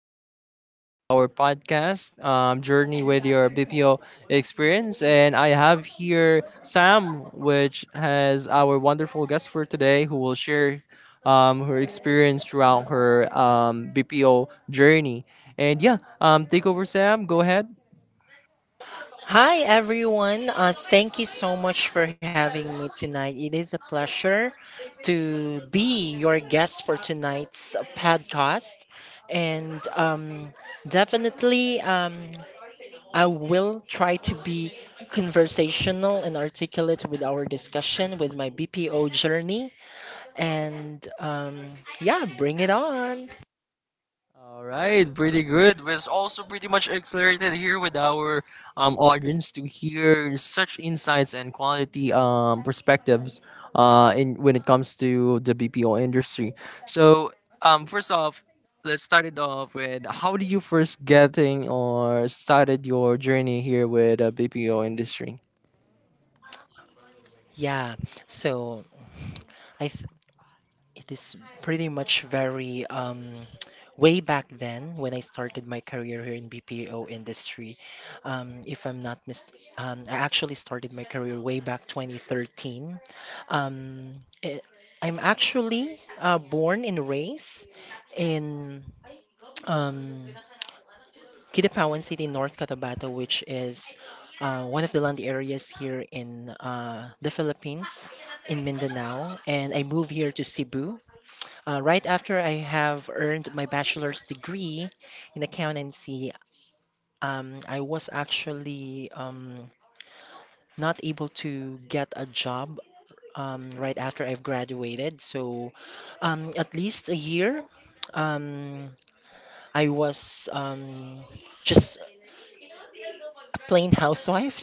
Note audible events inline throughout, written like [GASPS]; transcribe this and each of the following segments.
today, with our podcast, Journey with Your BPO Experience. And I have here Sam, which has our wonderful guest for today who will share her experience throughout her BPO journey. And yeah, take over, Sam. Go ahead. Hi everyone. Thank you so much for having me tonight. It is a pleasure to be your guest for tonight's podcast, and definitely I will try to be conversational and articulate with our discussion with my BPO journey. And yeah, bring it on. All right, pretty good. Was also pretty much accelerated here with our audience to hear such insights and quality perspectives in when it comes to the BPO industry. So, first off, let's start it off with how do you first getting or started your journey here with the BPO industry? Yeah. So I th- it is pretty much very way back then when I started my career here in BPO industry. If I'm not mis, I actually started my career way back 2013. Um, eh, I'm actually born and raised in um, Kidapawan City, North Cotabato, which is one of the land areas here in the Philippines, in Mindanao. And I moved here to Cebu right after I have earned my bachelor's degree in accountancy. I was actually not able to get a job right after I've graduated. So, at least a year, um, I was just a plain housewife.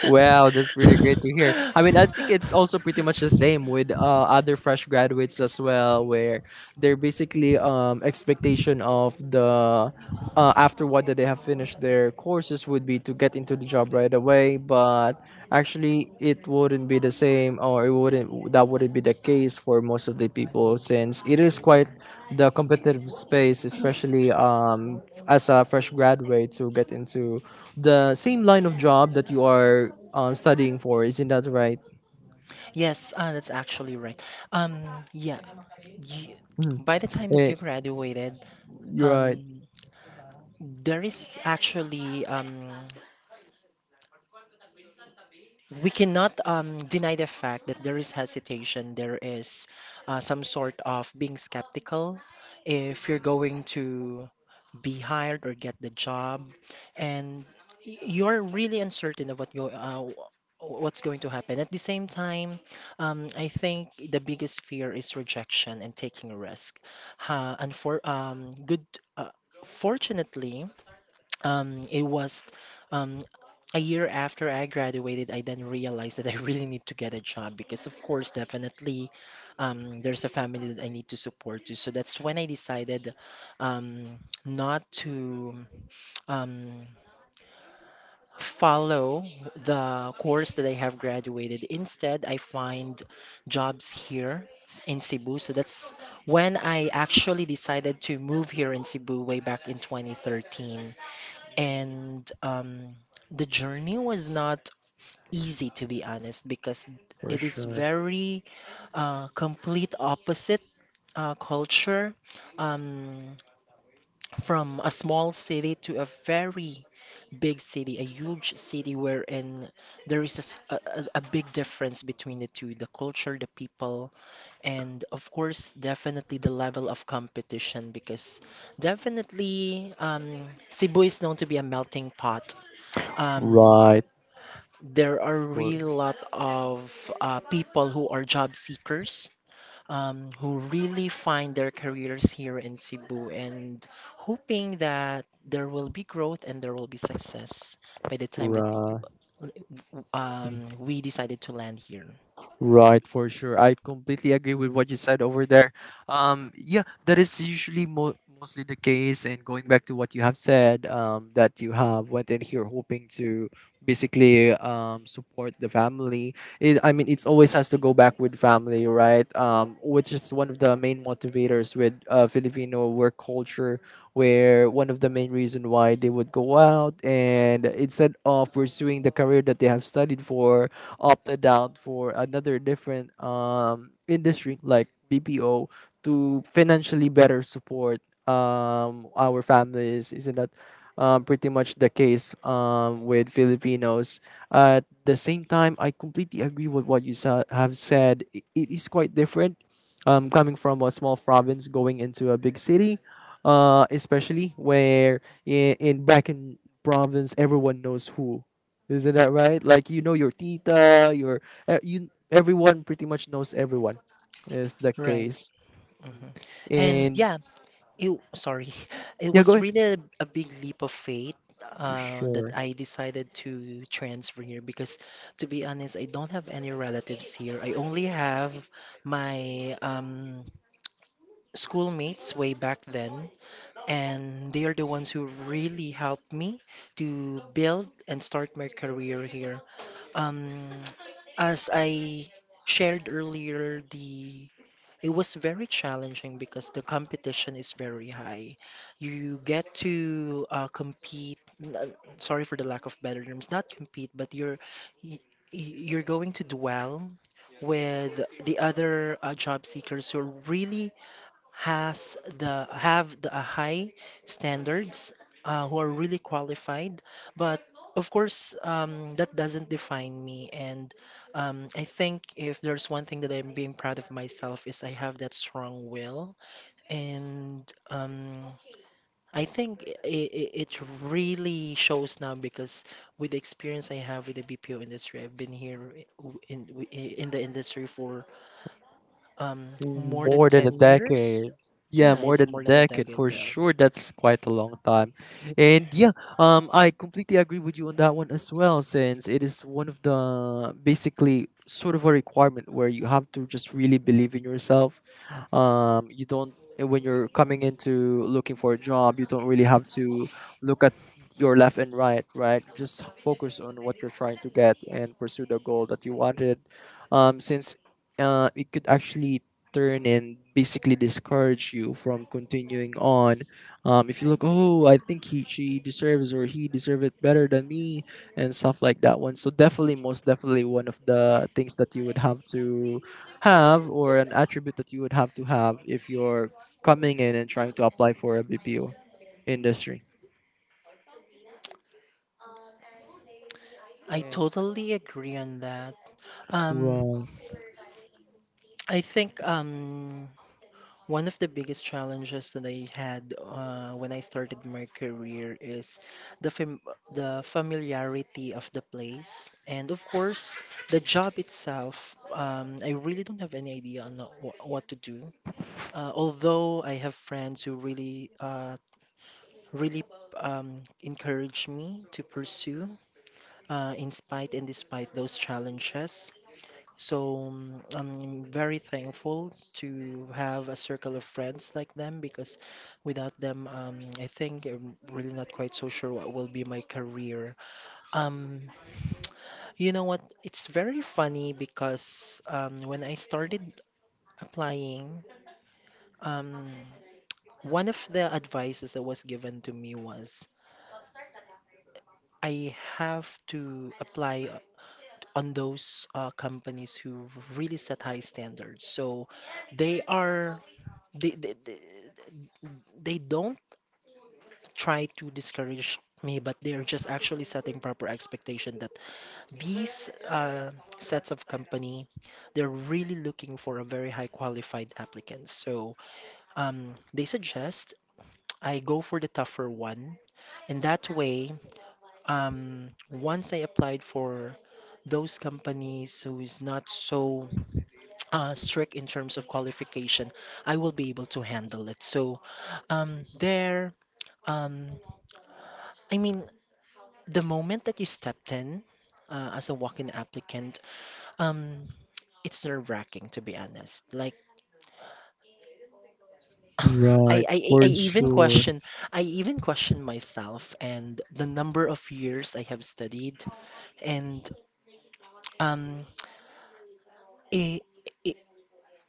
Wow, that's pretty great to hear. I mean, I think it's also pretty much the same with other fresh graduates as well, where they're basically expectation of the after what that they have finished their courses would be to get into the job right away, but actually it wouldn't be the same or it wouldn't that wouldn't be the case for most of the people since it is quite the competitive space especially as a fresh graduate to get into the same line of job that you are studying for, isn't that right? Yes, that's actually right. Um, yeah, you, Mhm. by the time that Eh, you graduated, you're right, um, There is actually, um, we cannot deny the fact that there is hesitation. There is some sort of being skeptical if you're going to be hired or get the job, and you're really uncertain of what's going to happen. At the same time, I think the biggest fear is rejection and taking a risk. Uh, and for um, good, uh, Fortunately, it was um, a year after I graduated, I then realized that I really need to get a job because, of course, definitely there's a family that I need to support too. So that's when I decided um, not to um, follow the course that I have graduated. Instead, I find jobs here in Cebu. So that's when I actually decided to move here in Cebu way back in 2013, and the journey was not easy, to be honest, because for it is sure, very complete opposite culture, um, from a small city to a very big city, a huge city, wherein there is a, s- a big difference between the two, the culture, the people, and of course, definitely, the level of competition, because definitely Cebu is known to be a melting pot. Um, right, there are for, really a lot of people who are job seekers, who really find their careers here in Cebu and hoping that there will be growth and there will be success by the time that right. We decided to land here. Right, for sure. I completely agree with what you said over there. Yeah, that is usually mostly the case. And going back to what you have said, that you have went in here hoping to basically support the family. I mean, it's always has to go back with family, right? Which is one of the main motivators with Filipino work culture, where one of the main reason why they would go out and instead of pursuing the career that they have studied for opted out for another different industry like BPO to financially better support our families. Isn't that pretty much the case with Filipinos? At the same time, I completely agree with what you have said. It is quite different, coming from a small province going into a big city, especially where in, back in province everyone knows who, isn't that right? Like you know your tita, you everyone pretty much knows everyone. Is the Right. case. hmm And And yeah, sorry. [LAUGHS] It yeah, go was ahead. really a big leap of faith For that sure. I decided to transfer here because, to be honest, I don't have any relatives here. I only have my schoolmates way back then, and they are the ones who really helped me to build and start my career here. Um, [TSK] as I shared earlier, the it was very challenging because the competition is very high. You get to compete. Sorry for the lack of better terms. Not compete, but y- you're going to dwell with the other job seekers who are really has the have the high standards, who are really qualified, but of course that doesn't define me. And I think if there's one thing that I'm being proud of myself, is I have that strong will, and I think it really shows now because with the experience I have with the BPO industry, I've been here in, in the industry for um, more than More than a 10 years? decade. Yeah, Yeah, more it's than a more than a decade decade. for sure. That's quite a long time. And yeah, I completely agree with you on that one as well, since it is one of the basically sort of a requirement where you have to just really believe in yourself. You don't and When you're coming into looking for a job, you don't really have to look at your left and right, right? Just focus on what you're trying to get and pursue the goal that you wanted. Since it could actually turn and basically discourage you from continuing on. If you look, oh, I think he she deserves or he deserved it better than me and stuff like that one. So definitely, most definitely, one of the things that you would have to have or an attribute that you would have to have if you're coming in and trying to apply for a BPO industry. I And totally agree on that. Um, right, I think one of the biggest challenges that I had when I started my career is the fam the familiarity of the place and of course the job itself. I really don't have any idea on wh what to do. Although I have friends who really really encouraged me to pursue, in spite and despite those challenges. So I'm very thankful to have a circle of friends like them because without them, I think I'm really not quite so sure what will be my career. Um, you know what? It's very funny because when I started applying, um, one of the advices that was given to me was I have to apply on those companies who really set high standards. So they are they, they they they don't try to discourage me, but they are just actually setting proper expectation that these sets of company, they're really looking for a very high qualified applicant. So they suggest I go for the tougher one. In that way, once I applied for those companies who is not so strict in terms of qualification, I will be able to handle it. So, um, there, um, I mean, the moment that you stepped in as a walk-in applicant, um, it's nerve-wracking, to be honest. Like, [LAUGHS] right, I for even sure, I even question myself and the number of years I have studied, and um, it,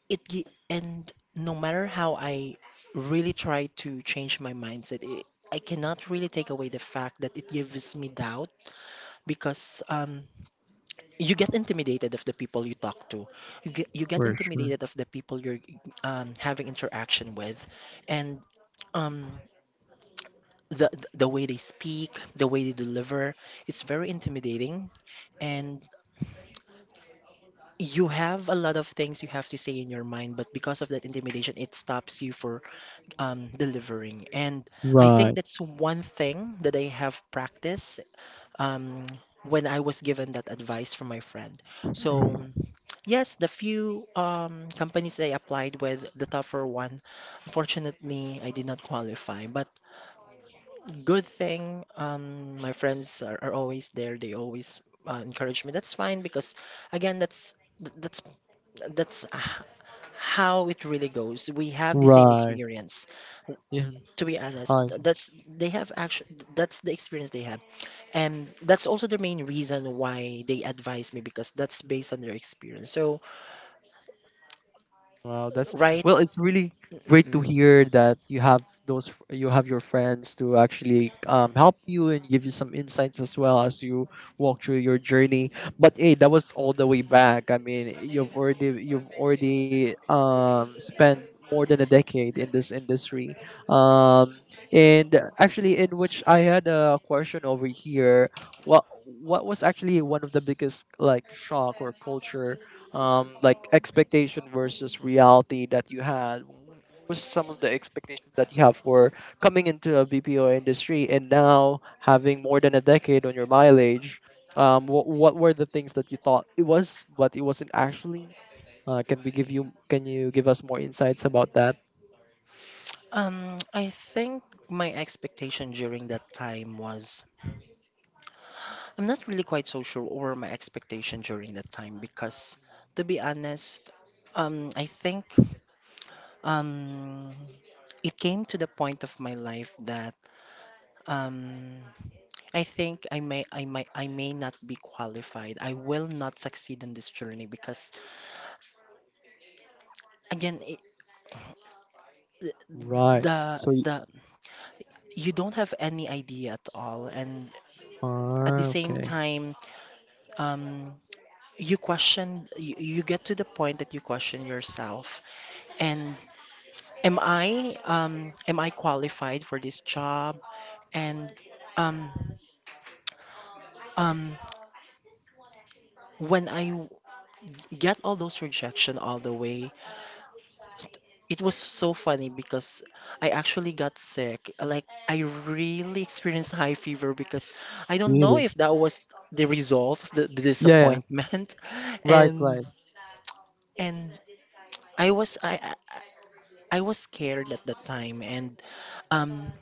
It and no matter how I really try to change my mindset, I cannot really take away the fact that it gives me doubt because you get intimidated of the people you talk to. You get for sure. intimidated of the people you're having interaction with, and um the way they speak, the way they deliver, it's very intimidating, and you have a lot of things you have to say in your mind, but because of that intimidation, it stops you for delivering. And I think Right, that's one thing that I have practiced um, when I was given that advice from my friend. So, yes, the few companies that I applied with, the tougher one, unfortunately, I did not qualify. But good thing, my friends are always there. They always encourage me. That's fine because, again, that's that's how it really goes. We have the same right. experience, Yeah, to be honest. I Th- that's They have actually, that's the experience they have, and that's also the main reason why they advise me, because that's based on their experience. So Wow, that's right. well. It's really great to Mm-mm. hear that you have those. You have your friends to actually help you and give you some insights as well as you walk through your journey. But hey, that was all the way back. I mean, you've already spent more than a decade in this industry. Um, and actually, in which I had a question over here. What was actually one of the biggest like shock or culture, like expectation versus reality that you had? What was some of the expectations that you have for coming into a BPO industry and now having more than a decade on your mileage? What were the things that you thought it was, but it wasn't actually? Can we give you? Can you give us more insights about that? I think my expectation during that time was, I'm not really quite so sure over my expectation during that time because, to be honest, I think um it came to the point of my life that um I think I may not be qualified. I will not succeed in this journey because again it, Right. So. The you don't have any idea at all, and at the Ah, same okay. time um you you get to the point that you question yourself, and am I qualified for this job? And um um when I get all those rejection all the way. It was so funny because I actually got sick. Like, I really experienced high fever because I don't know Really? if that was the result of the Yeah. disappointment. [LAUGHS] Right. Right. And and I was I I I was scared at the time, and um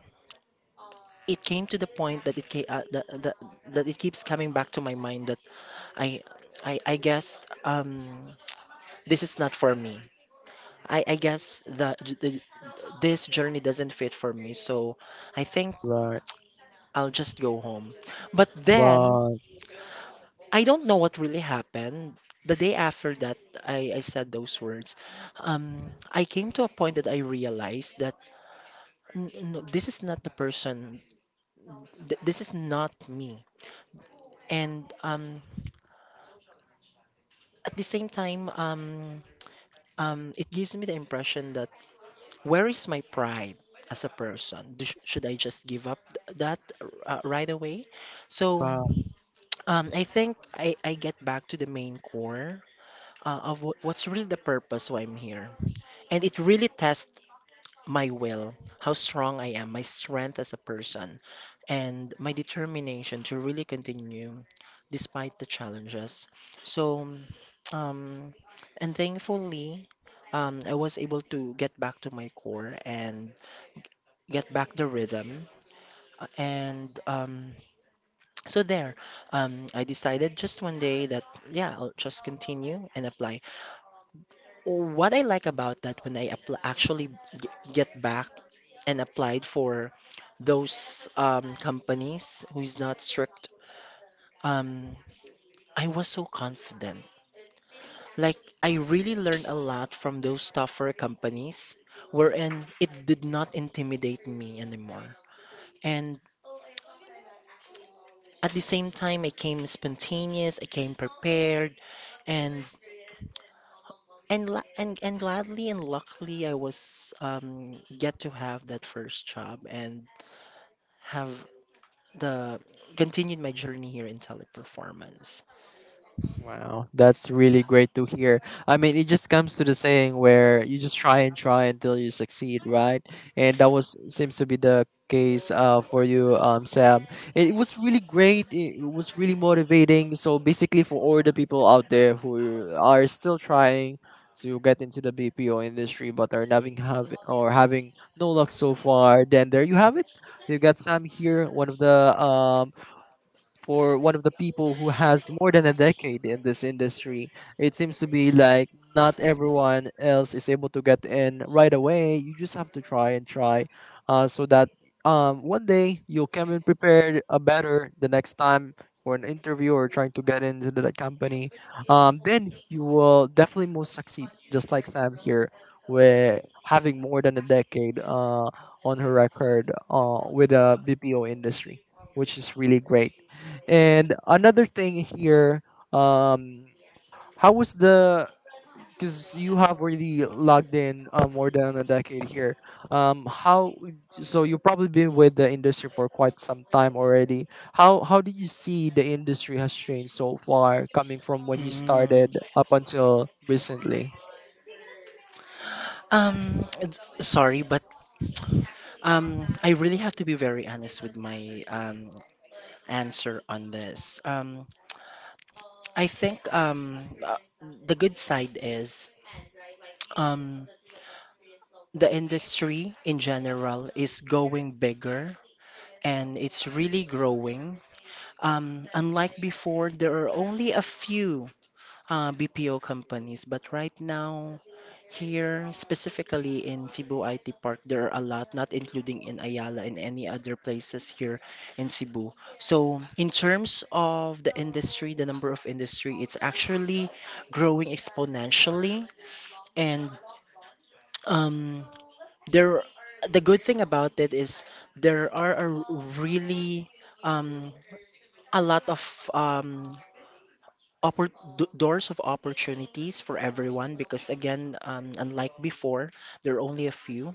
it came to the point that that it keeps coming back to my mind that I I guess this is not for me. I guess this journey doesn't fit for me. So I think Right. I'll just go home. But then Right. I don't know what really happened. The day after that, I said those words. I came to a point that I realized that, no, this is not the person. This is not me." And at the same time, it gives me the impression that, where is my pride as a person? Should I just give up th- that right away? So Right. I think I get back to the main core what's really the purpose why I'm here. And it really tests my will, how strong I am, my strength as a person, and my determination to really continue despite the challenges. So, um, and thankfully, I was able to get back to my core and get back the rhythm. Uh, And um, so there, I decided just one day that, yeah, I'll just continue and apply. What I like about that, when I appl actually get back and applied for those companies who is not strict, um, I was so confident. Like, I really learned a lot from those tougher companies, wherein it did not intimidate me anymore. And at the same time, I came spontaneous, I came prepared, and and gladly and luckily, I was get to have that first job and have the continued my journey here in Teleperformance. Wow, that's really great to hear. I mean, it just comes to the saying where you just try and try until you succeed, right? And that was seems to be the case for you, Sam. It was really great. It was really motivating. So basically, for all the people out there who are still trying to get into the BPO industry but are having have or having no luck so far, then there you have it. You got Sam here, one of the people who has more than a decade in this industry. It seems to be like not everyone else is able to get in right away. You just have to try and try, so that one day you'll come in prepared, better the next time for an interview or trying to get into the company. Then you will definitely most succeed, just like Sam here, with having more than a decade on her record with the BPO industry, which is really great. And another thing here, um, how was the because you have already logged in, more than a decade here. How so you've probably been with the industry for quite some time already. How did you see the industry has changed so far, coming from when you Mm. started up until recently? Um, it's- Sorry, but I really have to be very honest with my answer on this. I think the good side is um the industry in general is going bigger, and it's really growing. Unlike before, there are only a few BPO companies, but right now, here, specifically in Cebu IT Park, there are a lot, not including in Ayala and any other places here in Cebu. So, in terms of the industry, the number of industry, it's actually growing exponentially. And um, there, the good thing about it is there are a really, um, a lot of um, oppor doors of opportunities for everyone because again, unlike before, there are only a few.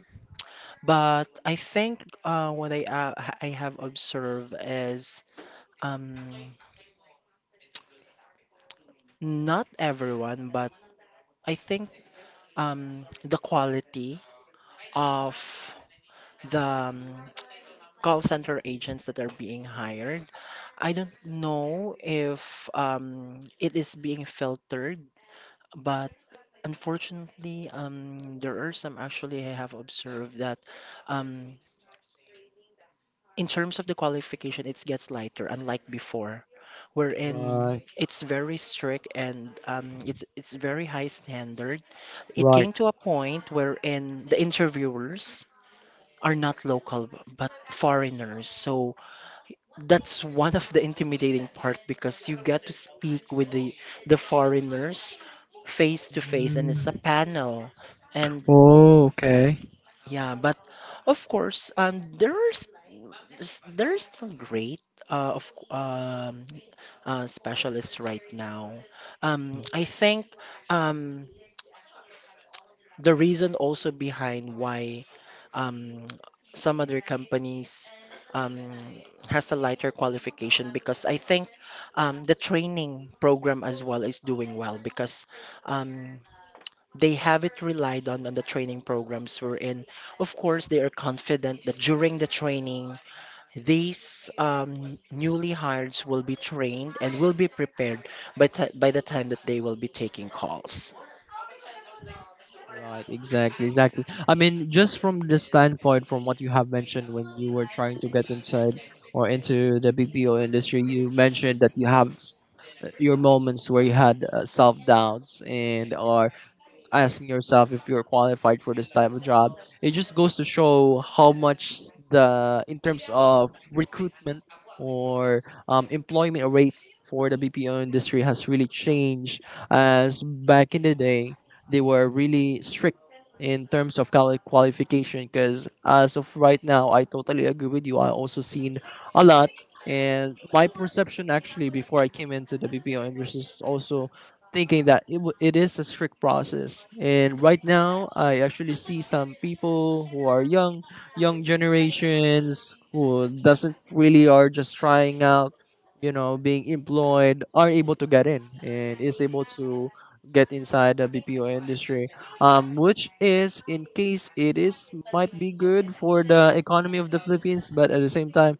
But I think what I have observed is, um, not everyone, but I think the quality of the [TSK] call center agents that are being hired. I don't know if it is being filtered, but unfortunately, there are some, actually, I have observed that. um, in terms of the qualification, it gets lighter, unlike before, wherein Right, it's very strict, and it's very high standard. It right. came to a point wherein the interviewers are not local but foreigners. So that's one of the intimidating part because you get to speak with the foreigners face to face, and it's a Mm. panel, and Oh, okay. yeah, but of course, there's they're still great, uh, of c- um, specialists right now. I think um, the reason also behind why um, some other companies um, has a lighter qualification because I think the training program as well is doing well because um, they have it relied on the training programs we're in. Of course, they are confident that during the training, these newly hireds will be trained and will be prepared by the time that they will be taking calls. Right, exactly, exactly. I mean, just from the standpoint, from what you have mentioned when you were trying to get inside or into the BPO industry, you mentioned that you have your moments where you had, self doubts and or asking yourself if you're qualified for this type of job. It just goes to show how much the in terms of recruitment or, employment rate for the BPO industry has really changed. As back in the day, they were really strict in terms of qualification. Because as of right now, I totally agree with you. I also seen a lot. And my perception actually before I came into the BPO industry is also thinking that it is a strict process. And right now, I actually see some people who are young generations who doesn't really are just trying out, being employed, are able to get in and is able to get inside the BPO industry, which is in case it is might be good for the economy of the Philippines, but at the same time,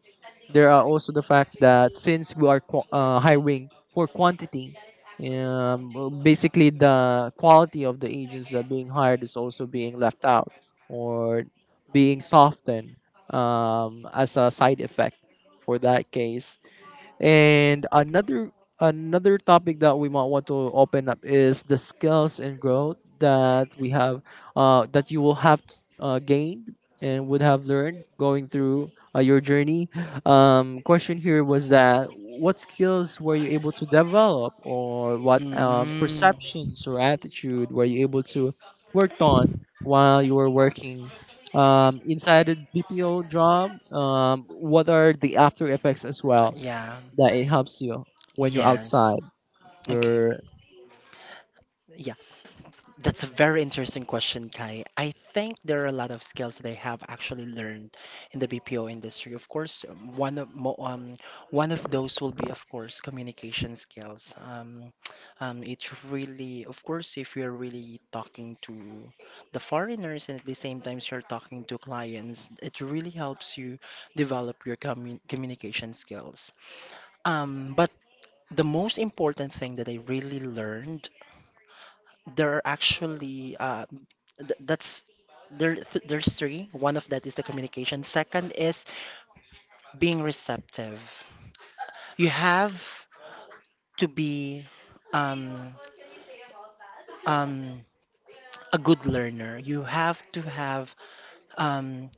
there are also the fact that since we are hiring for quantity, yeah, well, basically the quality of the agents that being hired is also being left out or being softened, as a side effect for that case. And another topic that we might want to open up is the skills and growth that we have, that you will have, gained and would have learned going through, your journey. Question here was that what skills were you able to develop or what, Mm, perceptions or attitude were you able to work on while you were working, inside a BPO job? What are the after effects as well? yeah, Yeah, it helps you when you're yes. outside. Okay. You're Yeah. That's a very interesting question, Kai. I think there are a lot of skills that I have actually learned in the BPO industry. Of course, one of those will be, of course, communication skills. It's really, of course, if you're really talking to the foreigners, and at the same time you're talking to clients, it really helps you develop your communication skills. But the most important thing that I really learned, there are actually th that's there th there's three. One of that is the communication. Second is being receptive. You have to be um, um, a good learner. You have to have, um,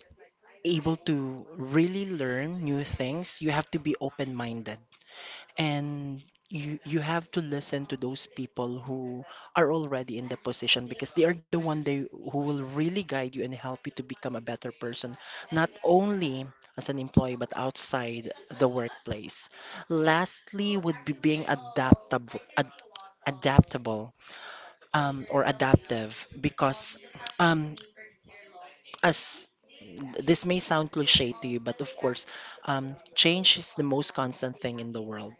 able to really learn new things. You have to be open-minded. And you have to listen to those people who are already in the position, because they are the one they who will really guide you and help you to become a better person, not only as an employee but outside the workplace. Lastly would be being adaptable, or adaptive because, um, as this may sound cliche to you, but of course, change is the most constant thing in the world,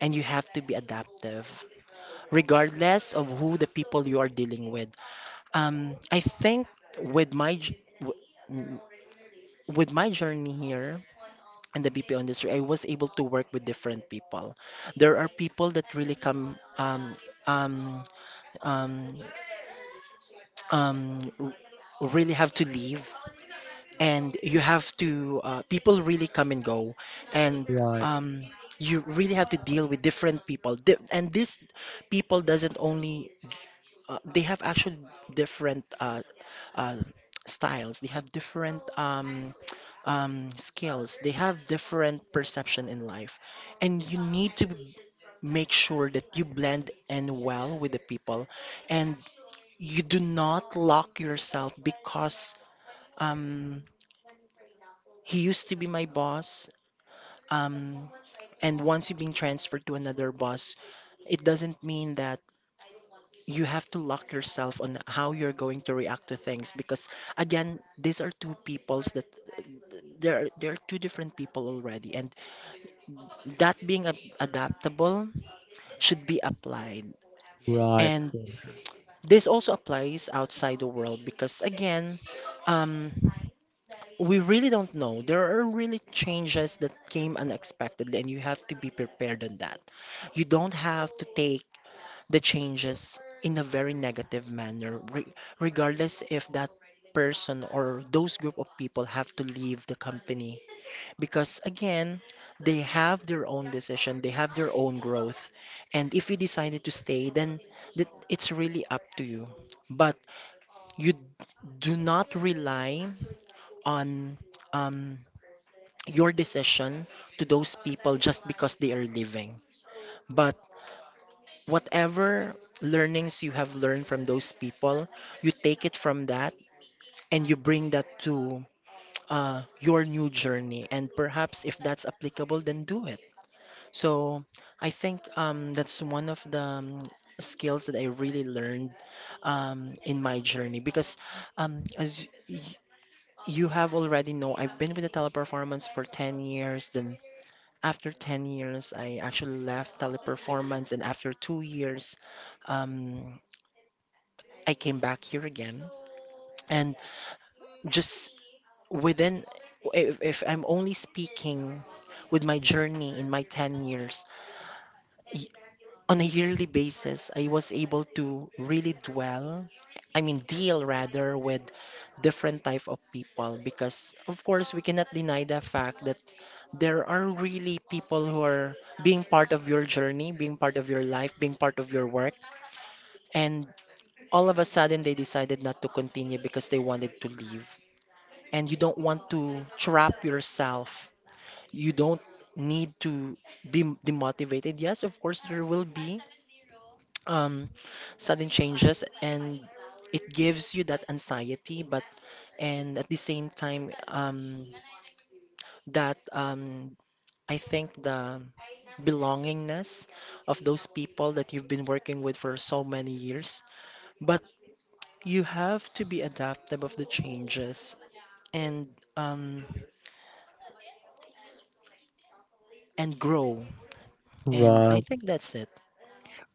and you have to be adaptive regardless of who the people you are dealing with. I think with my j- w- w- with my journey here in the BPO industry, I was able to work with different people. There are people that really come, um, um, um, r- really have to leave, and you have to, people really come and go. And right, um, you really have to deal with different people. And these people doesn't only, they have actually different, uh, styles. They have different, skills. They have different perception in life, and you need to make sure that you blend in well with the people, and you do not lock yourself because, um, he used to be my boss, um, and once you've been transferred to another boss, it doesn't mean that you have to lock yourself on how you're going to react to things, because again, these are two peoples that, there are two different people already, and that being adaptable should be applied. right, And this also applies outside the world because again, um, we really don't know. There are really changes that came unexpectedly, and you have to be prepared on that. You don't have to take the changes in a very negative manner, re regardless if that person or those group of people have to leave the company. Because again, they have their own decision, they have their own growth. And if you decided to stay, then it's really up to you. But you do not rely on, um, your decision to those people just because they are living. But whatever learnings you have learned from those people, you take it from that and you bring that to, your new journey. And perhaps if that's applicable, then do it. So I think, that's one of the, skills that I really learned, in my journey because, um, as y- you have already know, I've been with the teleperformance for 10 years. Then after 10 years, I actually left Teleperformance, and after 2 years, um, I came back here again. And just within, if I'm only speaking with my journey in my 10 years, y- on a yearly basis, I was able to really dwell, I mean, deal rather with different type of people because, of course, we cannot deny the fact that there are really people who are being part of your journey, being part of your life, being part of your work. And all of a sudden, they decided not to continue because they wanted to leave. And you don't want to trap yourself. You don't need to be demotivated. Yes, of course, there will be, um, sudden changes, and it gives you that anxiety, but, and at the same time, that I think the belongingness of those people that you've been working with for so many years. But you have to be adaptable of the changes, and um and grow. And I right. think that's it.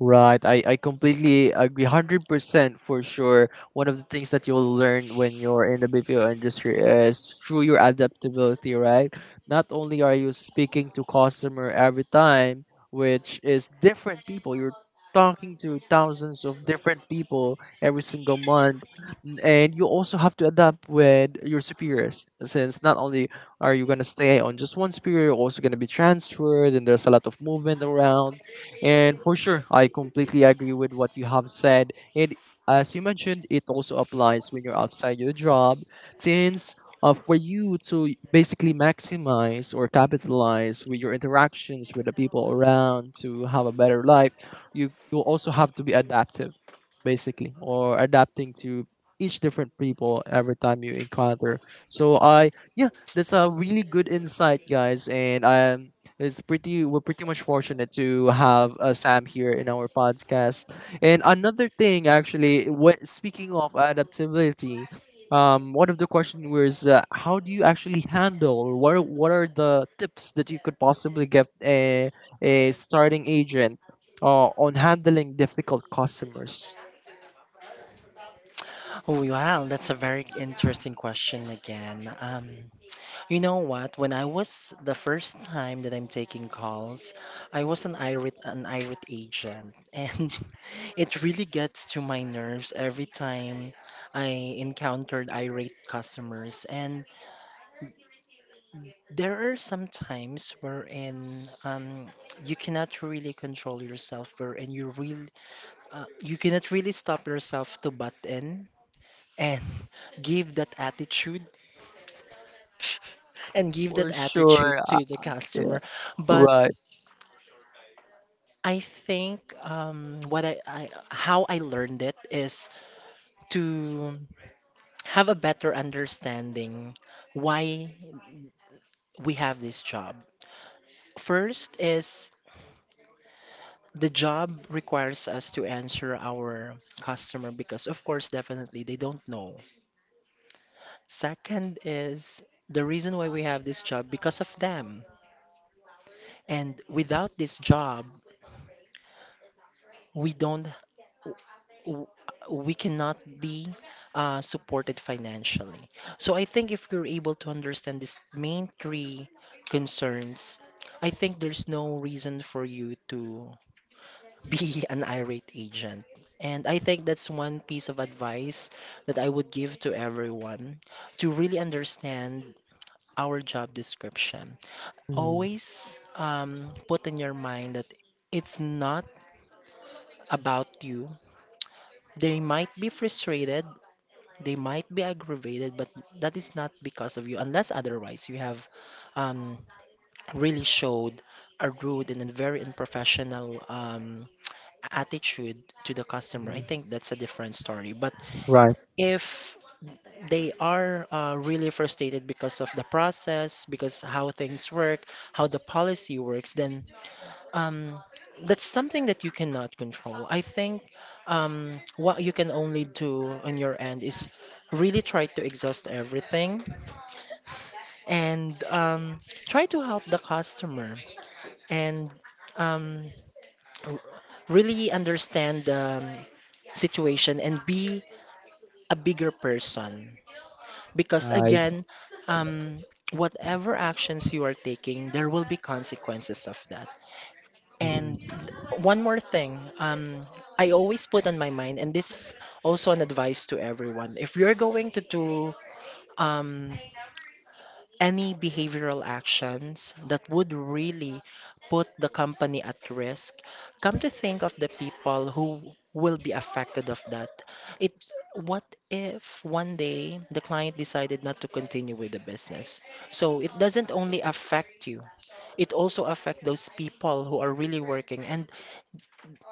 Right, I completely agree, 100% for sure. One of the things that you'll learn when you're in the BPO industry is through your adaptability, right? Not only are you speaking to customer every time, which is different people, you're talking to thousands of different people every single month, and you also have to adapt with your superiors, since not only are you gonna stay on just one superior, you're also gonna be transferred, and there's a lot of movement around, and for sure, I completely agree with what you have said. And as you mentioned, it also applies when you're outside your job, since for you to basically maximize or capitalize with your interactions with the people around to have a better life, you also have to be adaptive, basically, or adapting to each different people every time you encounter. So I yeah, that's a really good insight, guys, and I it's pretty. We're pretty much fortunate to have, Sam here in our podcast. And another thing, actually, what speaking of adaptability, one of the questions was, how do you actually handle, or what are the tips that you could possibly give a starting agent, on handling difficult customers? Wow, that's a very interesting question again. You know what? When I was the first time that I'm taking calls, I was an irate agent, and [LAUGHS] it really gets to my nerves every time I encountered irate customers. And there are some times wherein, you cannot really control yourself, wherein you cannot really stop yourself to butt in, and [LAUGHS] give that attitude [LAUGHS] and give that For attitude sure. to the Yeah. customer. But Right. I think, what I how I learned it is to have a better understanding why we have this job. First is, the job requires us to answer our customer because, of course, definitely they don't know. Second is the reason why we have this job because of them. And without this job, we don't w- we cannot be, supported financially. So I think if we're able to understand these main three concerns, I think there's no reason for you to be [LAUGHS] an irate agent. And I think that's one piece of advice that I would give to everyone to really understand our job description. Mhm, Always, put in your mind that it's not about you. They might be frustrated. They might be aggravated, but that is not because of you, unless otherwise you have, um, really showed a rude and a very unprofessional, attitude to the customer. I mhm. think that's a different story. But Right. if they are, really frustrated because of the process, because how things work, how the policy works, then, um, that's something that you cannot control. I think, what you can only do on your end is really try to exhaust everything, and try to help the customer, and um, r- really understand the, situation, and be a bigger person. Because Guys. again, um, whatever actions you are taking, there will be consequences of that. And Mhm. one more thing, I always put on my mind, and this is also an advice to everyone. If you're going to do, um, any behavioral actions that would really put the company at risk, come to think of the people who will be affected of that. It, what if one day the client decided not to continue with the business? So it doesn't only affect you, it also affect those people who are really working, and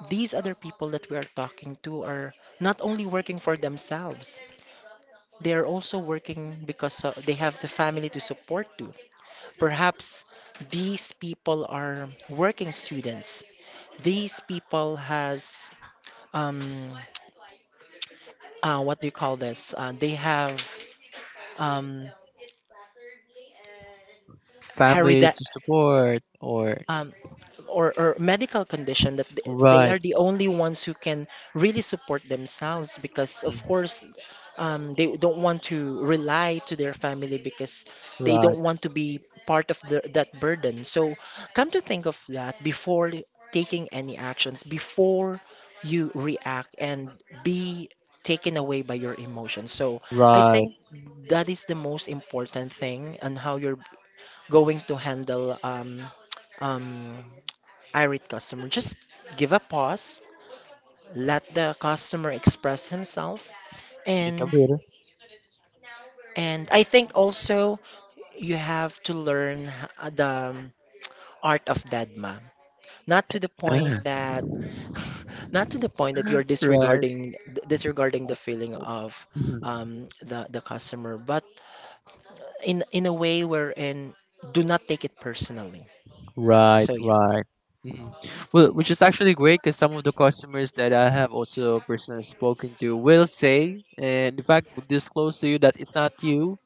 these other people that we are talking to are not only working for themselves, they are also working because, they have the family to support to. Perhaps these people are working students. These people has, um, what do you call this? They have um, hereda- Families to support or um, or medical condition that they right. are the only ones who can really support themselves because of Mhm. course they don't want to rely to their family because they Right. don't want to be part of that burden, so come to think of that before taking any actions before you react and be taken away by your emotions. So I Right. think that is the most important thing on how you're going to handle um, irate customer. Just give a pause, let the customer express himself, Take a and breather. I think also you have to learn the art of deadma. Not to the point [LAUGHS] that [LAUGHS] not to the point that you're Right. disregarding disregarding the feeling of Mhm. The customer, but in a way wherein do not take it personally. Right. So yeah. Right. Mhm. Well, which is actually great because some of the customers that I have also personally spoken to will say, and in fact, will disclose to you that it's not you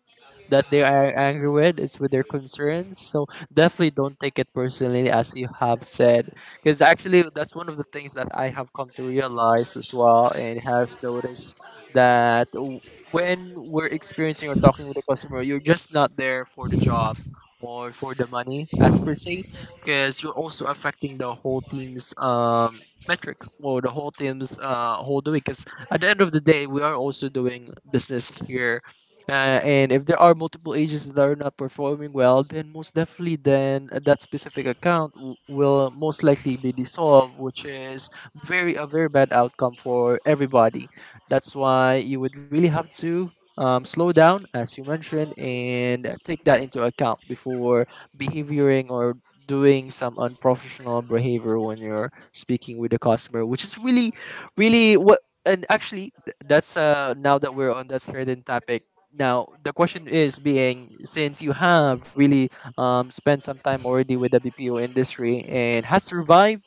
that they are angry with, it's with their concerns. So definitely don't take it personally, as you have said, because actually that's one of the things that I have come to realize as well and has noticed that when we're experiencing or talking with a customer, you're just not there for the job or for the money as per se, because you're also affecting the whole team's metrics or the whole team's whole doing, because at the end of the day we are also doing business here. And if there are multiple agents that are not performing well, then most definitely, then that specific account will most likely be dissolved, which is very a very bad outcome for everybody. That's why you would really have to slow down, as you mentioned, and take that into account before behaving or doing some unprofessional behavior when you're speaking with the customer, which is really, really what. And actually, that's now that we're on that certain topic now, the question is being, since you have really spent some time already with the BPO industry and has survived,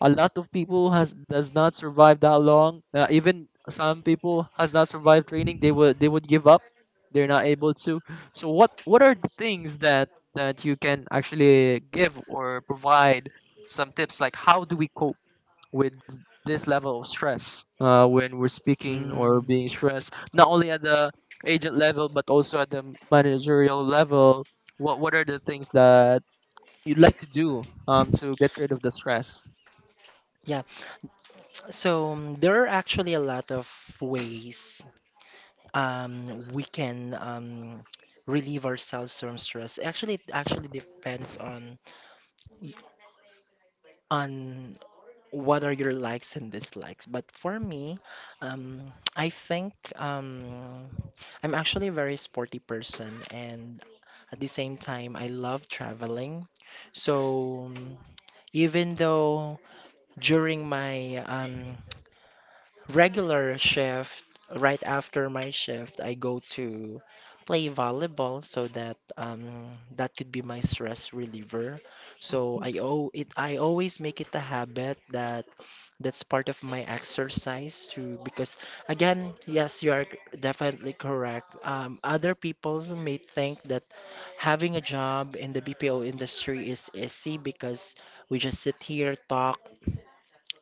a lot of people has does not survive that long. Even some people has not survived training. They would give up. They're not able to. So what are the things that you can actually give or provide some tips, like how do we cope with this level of stress when we're speaking or Mm, being stressed, not only at the agent level, but also at the managerial level. What are the things that you'd like to do to get rid of the stress? yeah, so there are actually a lot of ways we can relieve ourselves from stress. Actually, it actually depends on y- on what are your likes and dislikes. But for me, I think I'm actually a very sporty person, and at the same time, I love traveling. So even though during my regular shift, right after my shift, I go to play volleyball so that that could be my stress reliever. So I always make it a habit that that's part of my exercise too because again, yes, you are definitely correct. Other people may think that having a job in the BPO industry is easy because we just sit here, talk,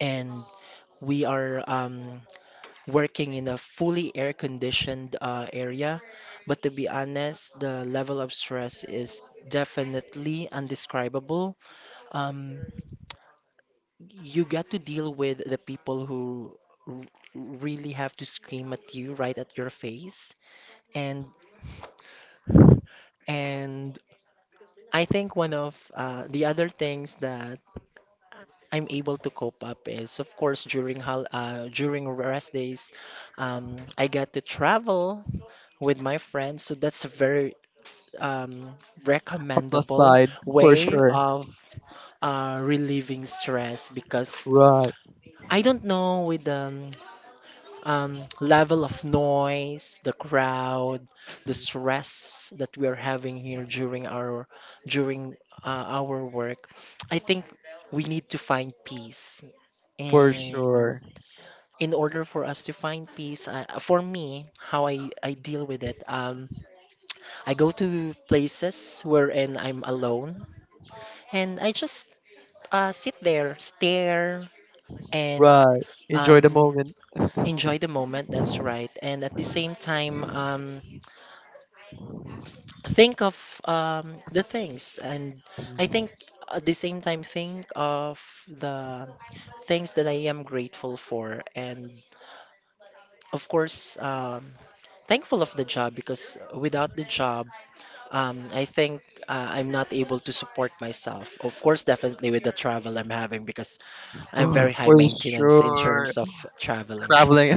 and we are working in a fully air-conditioned area. But to be honest, the level of stress is definitely undescribable. Um, you got to deal with the people who r- really have to scream at you right at your face. And and I think one of the other things that I'm able to cope up is, of course, during hol during rest days, I got to travel with my friends. So that's a very um, A plus recommendable side, for way sure. of relieving stress because Right, I don't know with the level of noise, the crowd, the stress that we are having here during our work. I think we need to find peace for and sure. in order for us to find peace for me how I deal with it, I go to places wherein I'm alone and I just sit there, stare, and Right. Enjoy the um, moment. enjoy the moment. That's right. And at the same time, think of the things. And I [SIGHS] think at the same time, think of the things that I am grateful for. And of course, thankful of the job because without the job, I think I'm not able to support myself. Of course, definitely with the travel I'm having because I'm very [GASPS] high For maintenance in sure. terms of traveling. Traveling. [LAUGHS] [LAUGHS]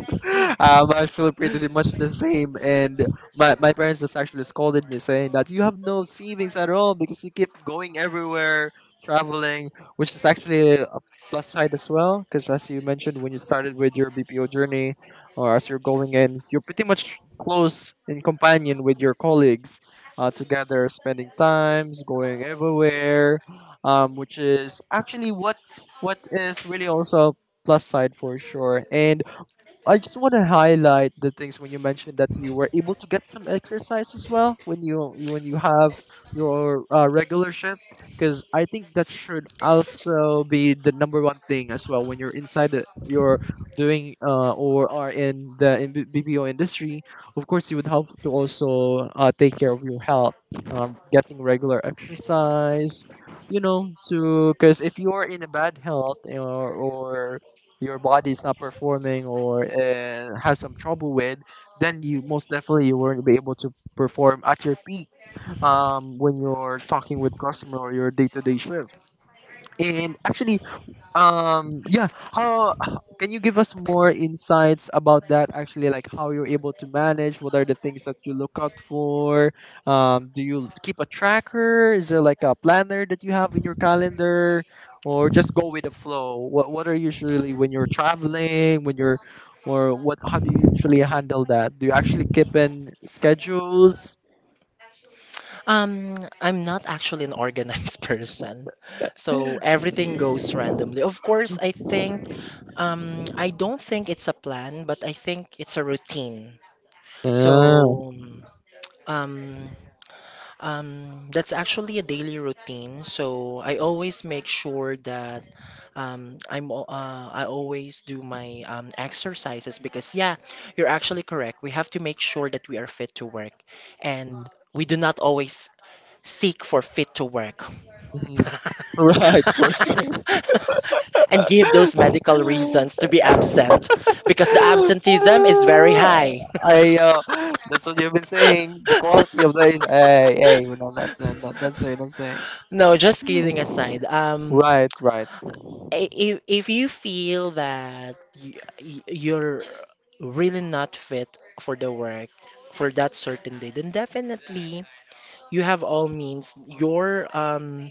I was really pretty did much the same. And my parents just actually scolded me, saying that you have no savings at all because you keep going everywhere, traveling, which is actually a plus side as well. Because as you mentioned, when you started with your BPO journey, or as you're going in, you're pretty much close in companion with your colleagues, together, spending times, going everywhere, which is actually what is really also a plus side for sure. And I just want to highlight the things when you mentioned that you were able to get some exercise as well when you have your regular shift, because I think that should also be the number 1 thing as well when you're inside the, you're doing or are in the in BPO industry. Of course, you would have to also take care of your health, getting regular exercise, you know, to because if you are in a bad health, or your body is not performing or has some trouble with, then you most definitely you won't be able to perform at your peak when you're talking with customer or your day-to-day shift. And actually, um, yeah, how can you give us more insights about that actually, like how you're able to manage? What are the things that you look out for? Do you keep a tracker? Is there like a planner that you have in your calendar, or just go with the flow? What are usually when you're traveling, when you're or what how do you usually handle that? Do you actually keep in schedules? Um, I'm not actually an organized [LAUGHS] person, so everything goes randomly. Of course, I think I don't think it's a plan, but I think it's a routine. Yeah. So um, that's actually a daily routine. So I always make sure that I always do my exercises because yeah, you're actually correct. We have to make sure that we are fit to work, and we do not always seek for fit to work. Mhm. [LAUGHS] [LAUGHS] Right, for sure. And give those medical reasons [LAUGHS] to be absent because the [LAUGHS] absenteeism is very high. I That's what you've been saying. The quality of the hey, hey, we're [LAUGHS] not that's not saying. No, just kidding aside. Right, right. If you feel that you're really not fit for the work for that certain day, then definitely you have all means. You're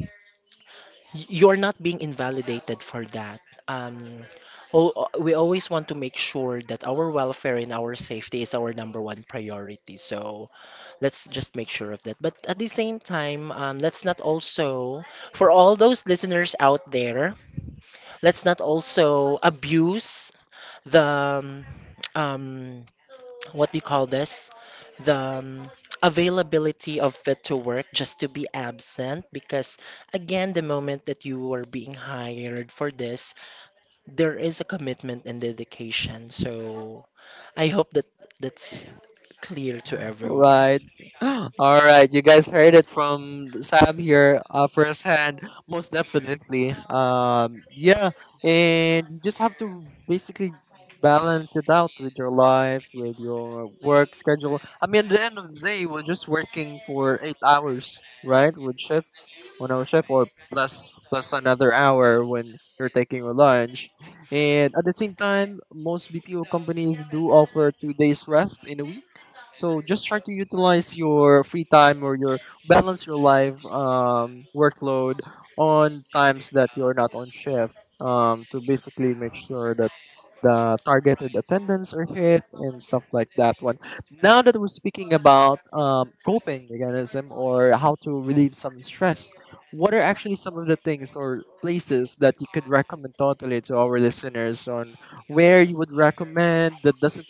you're not being invalidated for that. Um, we always want to make sure that our welfare and our safety is our number one priority. So let's just make sure of that. But at the same time, let's not also, for all those listeners out there, let's not also abuse the um, what do you call this? The um, availability of fit to work just to be absent because again, the moment that you are being hired for this, there is a commitment and dedication. So I hope that that's clear to everyone. Right. [GASPS] All right. You guys heard it from Sam here, firsthand. Most definitely. Yeah. And you just have to basically balance it out with your life, with your work schedule. I mean, at the end of the day, we're just working for 8 hours, right? With shift, 1 hour shift, or plus another hour when you're taking your lunch. And at the same time, most BPO companies do offer 2 days rest in a week, so just try to utilize your free time or your balance your life workload on times that you're not on shift to basically make sure that the targeted attendance are hit and stuff like that one. Now that we're speaking about coping mechanism or how to relieve some stress, what are actually some of the things or places that you could recommend totally to our listeners on where you would recommend that doesn't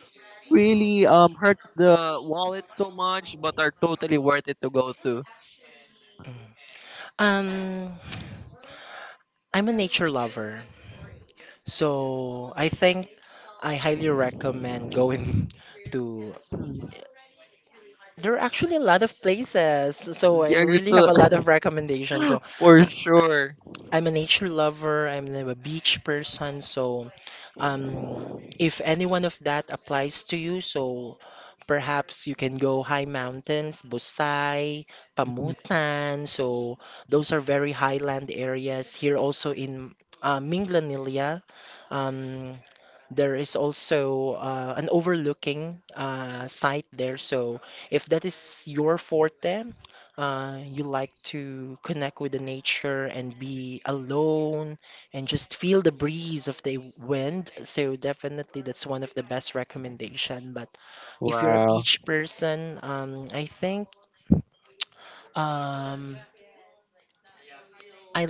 really hurt the wallet so much, but are totally worth it to go to. Mm. Um, I'm a nature lover, so I think I highly recommend going [LAUGHS] to. There are actually a lot of places, so I Yeah, just really have a lot of recommendations. So [LAUGHS] for sure. I'm a nature lover. I'm a beach person. So, um, if any one of that applies to you, so perhaps you can go high mountains, Busay, Mm. Pamutan. So those are very highland areas. Here also in Minglanilla, um, there is also an overlooking site there. So if that is your forte, you like to connect with the nature and be alone and just feel the breeze of the wind. So definitely that's one of the best recommendation. But if you're a Wow, beach person, I think um, I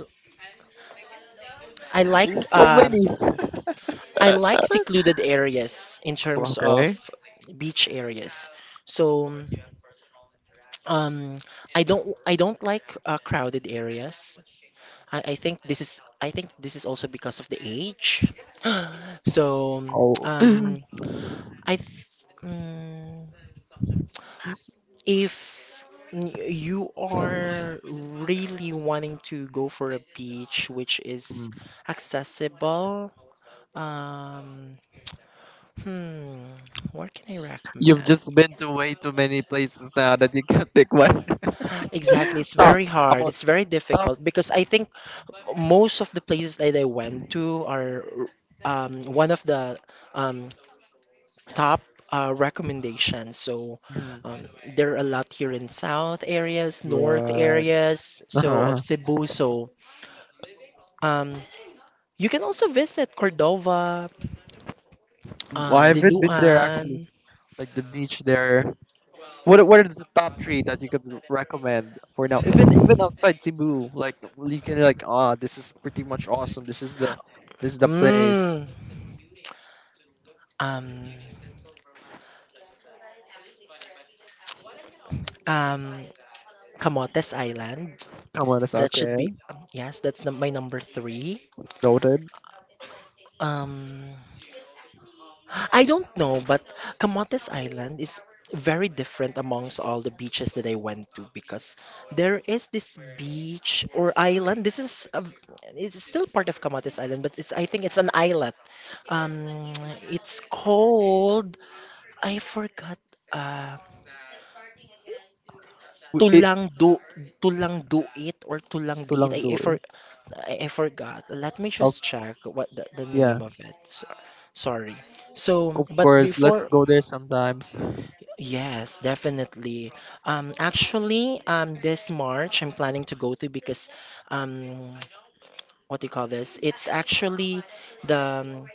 I like there's so um, many. I like secluded areas in terms Okay. of beach areas. So Um, I don't like crowded areas. I think this is I think this is also because of the age. So Oh, um, I th mm, if you are really wanting to go for a beach which is accessible, um, hmm, what can I you've recommend? just been to way too many places now that you can't pick one. [GASPS] Exactly, it's [LAUGHS] Top. very How hard. about It's very top? difficult because I think most of the places that I went to are one of the um, top recommendations. So Mm. um, there are a lot here in south areas, north Right. areas, [LAUGHS] so of Uh-huh. Cebu. So um, you can also visit Cordova, Well, I haven't been there actually. Liloan, Like the beach there. What are the top 3 that you could recommend for now? Even outside Cebu, like you can like, ah, this is pretty much awesome. This is the place. mm, um, um, Camotes Island. Come on, that's That should be, okay. Yes, that's my number three. Noted. Um, I don't know, but Camotes Island is very different amongst all the beaches that I went to because there is this beach or island. It's still part of Camotes Island, but it's I think it's an islet. Um, it's called I forgot. Uh, W- It tulang do tulang duit or tulang diit. Tulang do eh. I forgot. Let me Of just check what the yeah, name of it. So, sorry. So, of but course. Let's before. go there sometimes. Yes, definitely. Actually, this March I'm planning to go to because, um, [TSK] what do you call this? It's actually the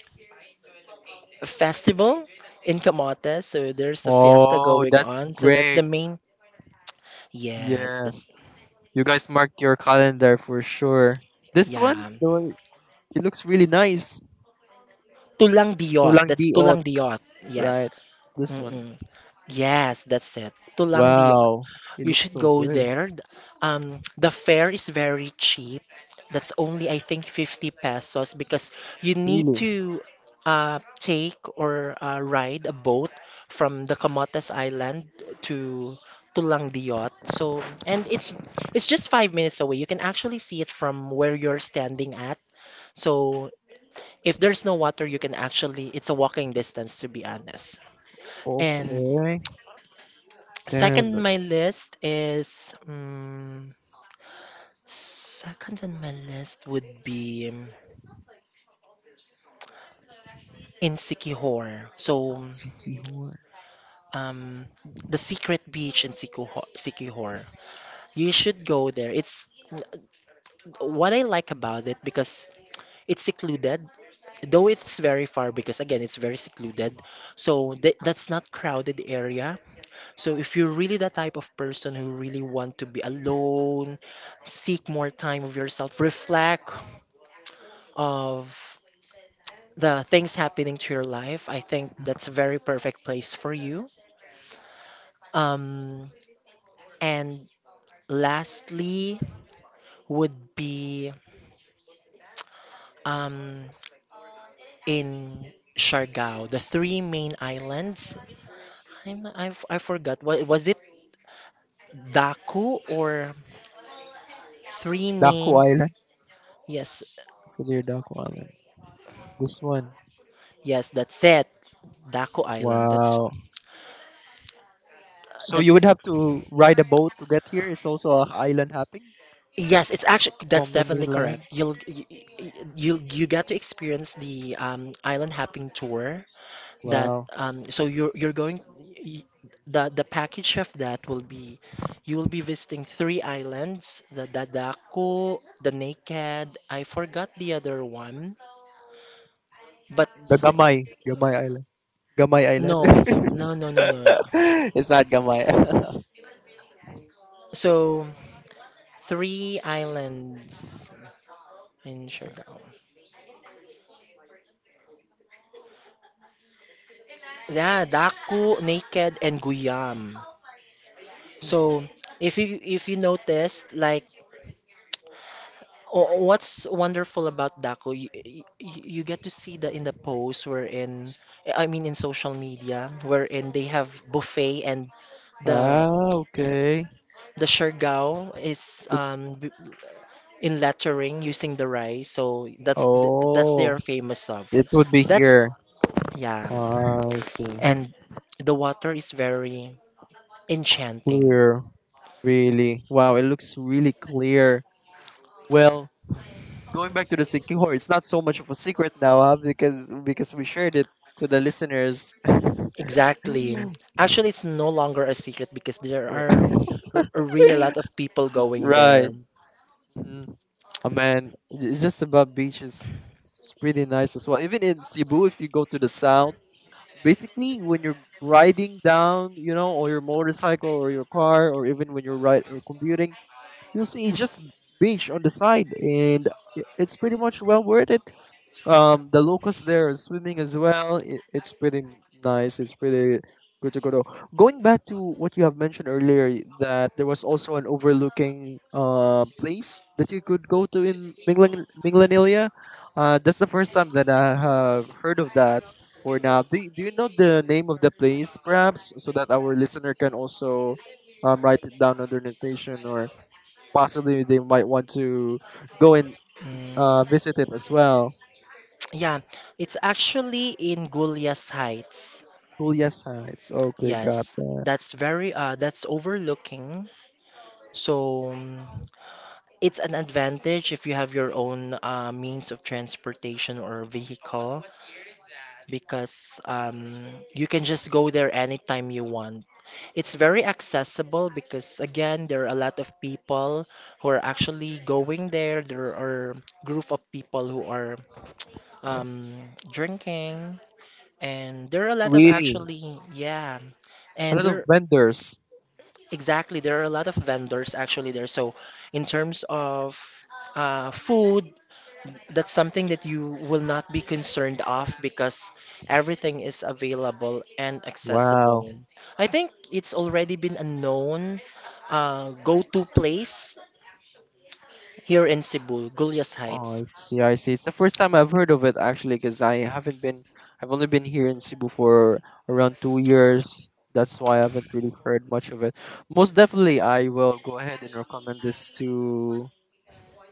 festival in Camotes, so there's a fiesta Oh, going that's on. So that's the great. main. Yes, Yeah, that's you guys mark your calendar for sure. This one, yeah. the one, it looks really nice. Tulang Diot. Tulang That's diot, Tulang Diot. Yes. right? This one. Mm-mm. Yes, that's it. Tulang Diot. Wow, it You looks should so go good. there. The fare is very cheap. That's only, I think, 50 pesos because you need Really. to take or ride a boat from the Camotes Island to to Langdiot. So, and it's just 5 minutes away. You can actually see it from where you're standing at. So, if there's no water, you can actually it's a walking distance to be honest. And Okay. second Then on my list is. Second on my list would be in Sikihor. So, Sikihor. um, the secret beach in Sikuho Sikihor. You should go there. It's what I like about it because it's secluded, though it's very far because again, it's very secluded. So th that's not crowded area. So if you're really the type of person who really want to be alone, seek more time of yourself, reflect of the things happening to your life, I think that's a very perfect place for you. Um, and lastly, would be um, in Siargao, the three main islands. I've. I forgot. What, was it Daku or three Daku main? Island. Yes, So near Daku Island. This one. yes, that's it. Daku Island. Wow. So you That's would have to ride a boat to get here. It's also a island hopping yes. It's actually that's from the definitely correct. mainland. You, you get to experience the island hopping tour. That Wow. So you're going y- the package of that will be you will be visiting three islands, the Dadako, the Naked. I forgot the other one, but The the, Gamay. Gamay Island. Gamay Island. no, it's no. [LAUGHS] It's not Gamay. So three islands in Siargao. Yeah, Daku, Naked, and Guyam. So if you notice, like oh, what's wonderful about Daco, you get to see the in the posts wherein, I mean in social media, wherein they have buffet and [LAUGHS] the Ah, okay. the shergao is It, in lettering using the rice, so that's that's they oh. are famous of. It would be That's here. yeah, Ah, I see. and the water is very enchanting. Clear. Really. Wow, it looks really clear. Well, going back to the secure, it's not so much of a secret now, huh? Because we shared it to the listeners. Exactly. [GASPS] Actually, it's no longer a secret because [LAUGHS] there R- are really a lot of people going right. there. Mhm. Oh man, it's just about beaches. It's pretty nice as well. Even in Cebu, if you go to the south, basically when you're riding down, you know, or your motorcycle or your car, or even when you're ride or commuting, you'll see just beach on the side, and it's pretty much well worth it. The locals there are swimming as well. It's pretty nice. It's pretty good to go to. Going back to what you have mentioned earlier, that there was also an overlooking place that you could go to in Minglanilia. That's the first time that I have heard of that. For now, do you know the name of the place, perhaps, so that our listener can also write it down on their notation, or possibly they might want to go and Mm. Visit it as well. Yeah, it's actually in Gulyas Heights. Julia sites. Okay, got Yes, that. that's very that's overlooking. So it's an advantage if you have your own means of transportation or vehicle because you can just go there anytime you want. It's very accessible because again there are a lot of people who are actually going there. There are group of people who are um drinking. And there are a lot of Really? actually, yeah, A and lot of there vendors. exactly there are a lot of vendors actually there. So in terms of food, that's something that you will not be concerned of because everything is available and accessible. Wow. I think it's already been a known go-to place here in Cebu, Gulyas Oh, I Heights. see, I see. It's the first time I've heard of it actually because I haven't been, I've only been here in Cebu for around 2 years. That's why I haven't really heard much of it. Most definitely, I will go ahead and recommend this to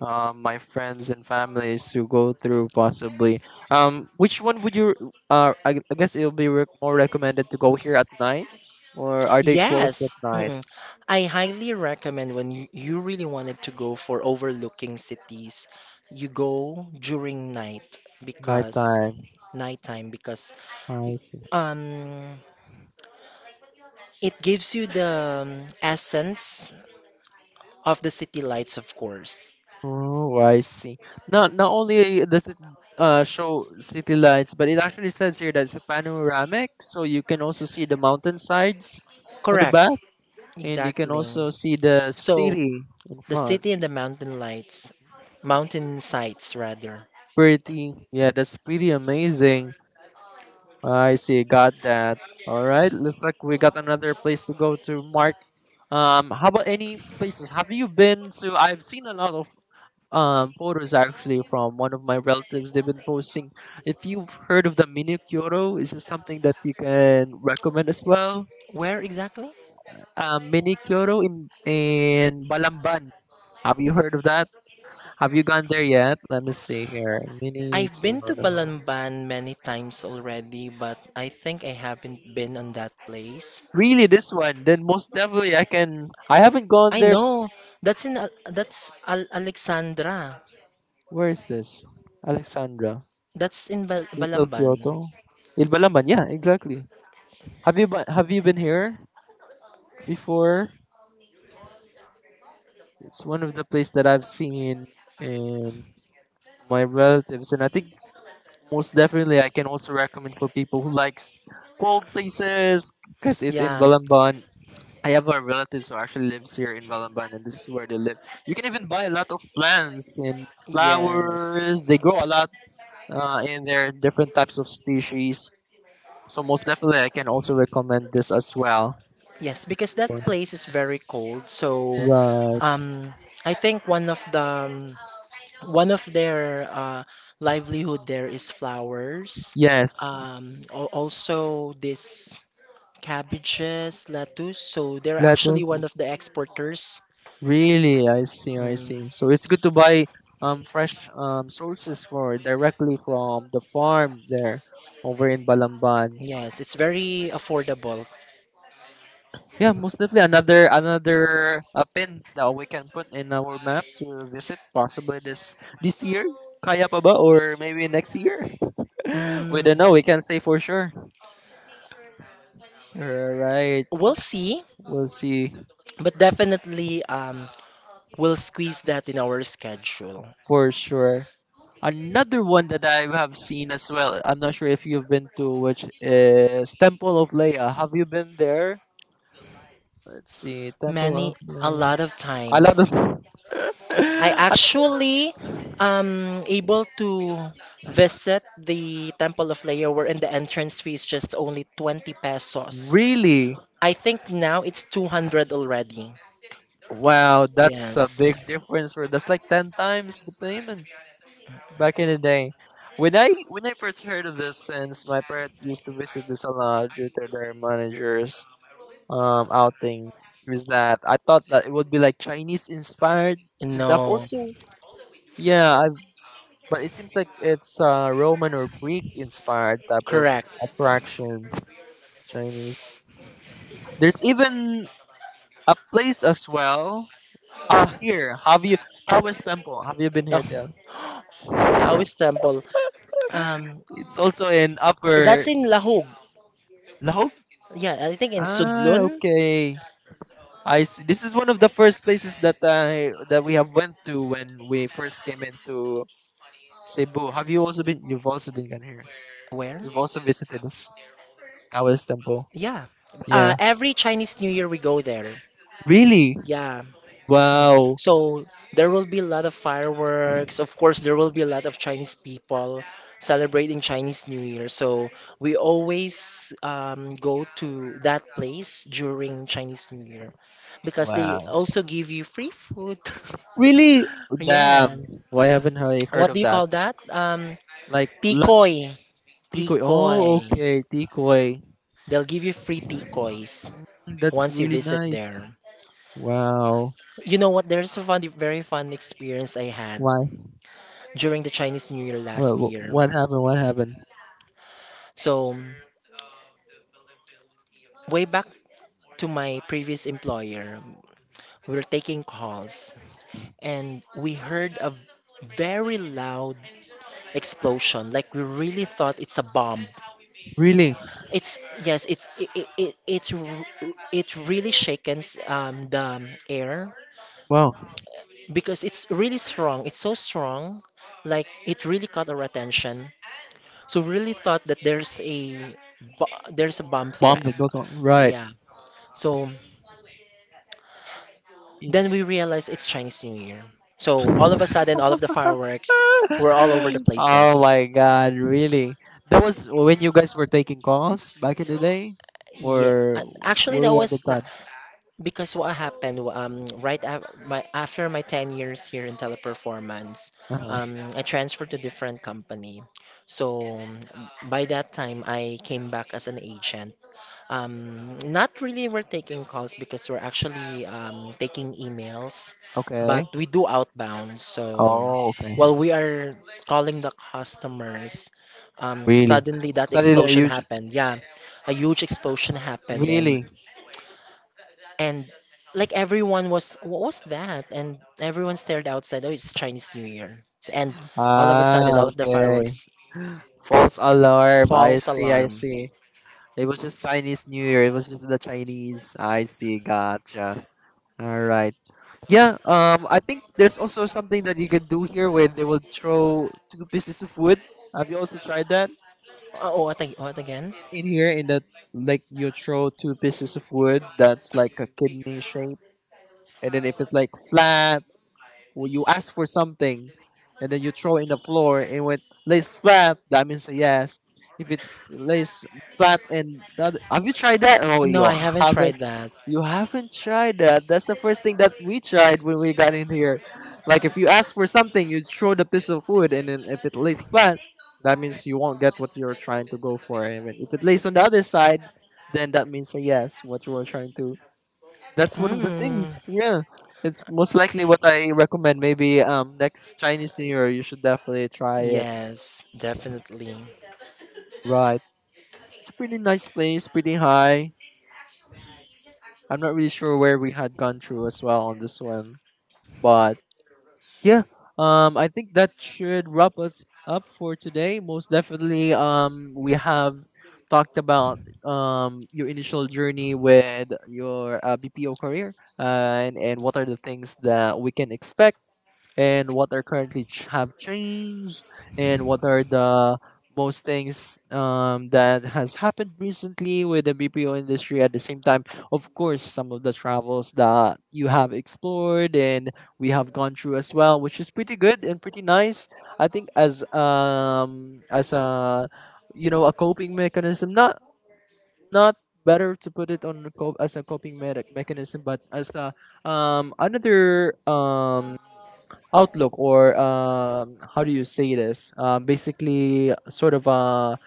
my friends and families to go through possibly. Which one would you, I guess it'll be more recommended to go here at night, or are they closed at Yes, night? mm-mm. I highly recommend when you really wanted to go for overlooking cities, you go during night because Nighttime. nighttime because I see. um it gives you the essence of the city lights, of course. Oh, I see. Not only does it show city lights, but it actually says here that it's a panoramic, so you can also see the mountainsides on the Correct, back, and you can exactly. also see the So city in the front. city and the mountain sights rather. Pretty, yeah, that's pretty amazing. I see, got that. All right, looks like we got another place to go to. Mark, how about any places? Have you been to? I've seen a lot of photos actually from one of my relatives. They've been posting. If you've heard of the mini Kyoto, is this something that you can recommend as well? Where exactly? Mini Kyoto in Balamban. Have you heard of that? Have you gone there yet? Let me see here. Mini I've been to Kyoto. Balamban many times already, but I think I haven't been on that place. Really, this one? Then most definitely I can. I haven't gone I there. know. That's in Al- that's Al- Alexandra. Where is this? Alexandra, That's in Little Balamban. Kyoto, in Balamban. Yeah, exactly. Have you have you been here before? It's one of the places that I've seen in my relatives, and I think most definitely I can also recommend for people who likes cold places because it's in Yeah. Balamban. I have a relative who actually lives here in Balamban, and this is where they live. You can even buy a lot of plants Yes. and flowers. They grow a lot in their different types of species. So most definitely, I can also recommend this as well. Yes, because that place is very cold. So, Right. um, I think one of the um, one of their livelihood there is flowers. Yes, Also this: cabbages, lettuce. So they're actually lettuce. one of the exporters. Really, I see, I Mm, see. So it's good to buy fresh sources for directly from the farm there over in Balamban. yes, it's very affordable. Yeah, most definitely another pin that we can put in our map to visit possibly this year. Kaya pa ba or maybe next year? [LAUGHS] We Mm, don't know. We can't say for sure. All right, we'll see, we'll see but definitely we'll squeeze that in our schedule. for sure. Another one that I have seen as well, I'm not sure if you've been to, which is Temple of Leia. Have you been there? Let's see, Temple Many, of a Leia. lot of I love times. them. [LAUGHS] I I think this actually is able to visit the Temple of Leo where in the entrance fee is just only 20 pesos. really I think now it's 200 already. wow. That's a Yes. big difference. For that's like ten times the payment back in the day. When I first heard of this, since my parents used to visit this a lot due to their managers, outing, is that I thought that it would be like Chinese inspired, since I've No, also, yeah, I've, but it seems like it's Roman or Greek inspired type of correct. attraction, Chinese. There's even a place as well. Ah, here, have you, Taoist Temple? Have you been The here, Tel? Taoist temple. Um, It's also in that's Upper in Lahog. Lahog. Yeah, I think in Ah, Sudlun. okay. I see. This is one of the first places that I that we have went to when we first came into Cebu. Have you also been? You've also been down here. Where? You've also visited this Taoist temple. Yeah. Yeah. Every Chinese New Year we go there. Really? Yeah. Mm. Wow. So there will be a lot of fireworks. Of course, there will be a lot of Chinese people celebrating Chinese New Year. So we always go to that place during Chinese New Year because they Wow. also give you free food. [LAUGHS] Really? Damn. Yes. Why haven't I heard What do of you that? call that? Like, Tikoy. Tikoy. Oh, Tikoy. okay. Tikoy. They'll give you free tikoys That's once you really visit nice. there. Wow. You know what? There's a fun, very fun experience I had Why? during the Chinese New Year last What, year. what happened? What happened? So, way back to my previous employer, we were taking calls and we heard a very loud explosion. Like, we really thought it's a bomb. Really? It's yes, it's it, it, it it's r- it really shakens the air Wow. because it's really strong. It's so strong, like it really caught our attention. So we really thought that there's a bomb Bomb threat. that goes on. Right. Yeah. So then we realized it's Chinese New Year. So all of a sudden, all of the fireworks were all over the [LAUGHS] Oh places. my god, really? That was when you guys were taking calls back in the day? Yeah. Or Actually, were that you at the was. time? Because what happened after my 10 years here in teleperformance, Uh-huh. I transferred to different company. So by that time, I came back as an agent. Not really we're taking calls because we're actually taking emails, but Okay. we do outbound. So Oh, okay. while we are calling the customers, Really? suddenly that Suddenly a explosion huge, happened. Yeah, a huge explosion happened, and really. and like everyone was, what was that? And everyone stared outside. Oh, it's Chinese New Year. So, and all of a Ah, sudden, all of the okay. fireworks. False alarm. I False see, I alarm. See. It was just Chinese New Year. It was just the Chinese. I see, gotcha. All right. Yeah, I think there's also something that you can do here where they will throw two pieces of wood. Have you also tried that Oh, what, what again? in here? In that, like, you throw two pieces of wood that's like a kidney shape, and then if it's like flat, when you ask for something, and then you throw in the floor, and when it lays flat, that means a yes. If it lays flat and the other, have you tried that? Oh, No, you I haven't haven't. tried that. You haven't tried that. That's the first thing that we tried when we got in here. Like, if you ask for something, you throw the piece of wood, and then if it lays flat, that means you won't get what you're trying to go for. And if it lays on the other side, then that means a yes, what you were trying to, that's one of the Mm. things. Yeah, it's most likely what I recommend. Maybe next Chinese New Year, you should definitely try it. Yes, definitely. Right, it's a pretty nice place, pretty high. I'm not really sure where we had gone through as well on this one, but yeah, I think that should wrap us up for today. Most definitely, we have talked about your initial journey with your BPO career, and what are the things that we can expect, and what are currently have changed, and what are the most things that has happened recently with the BPO industry, at the same time, of course, some of the travels that you have explored and we have gone through as well, which is pretty good and pretty nice. I think as a, a coping mechanism, not better to put it on a as a coping medic mechanism, but as a another outlook or how do you say this? Basically, sort of a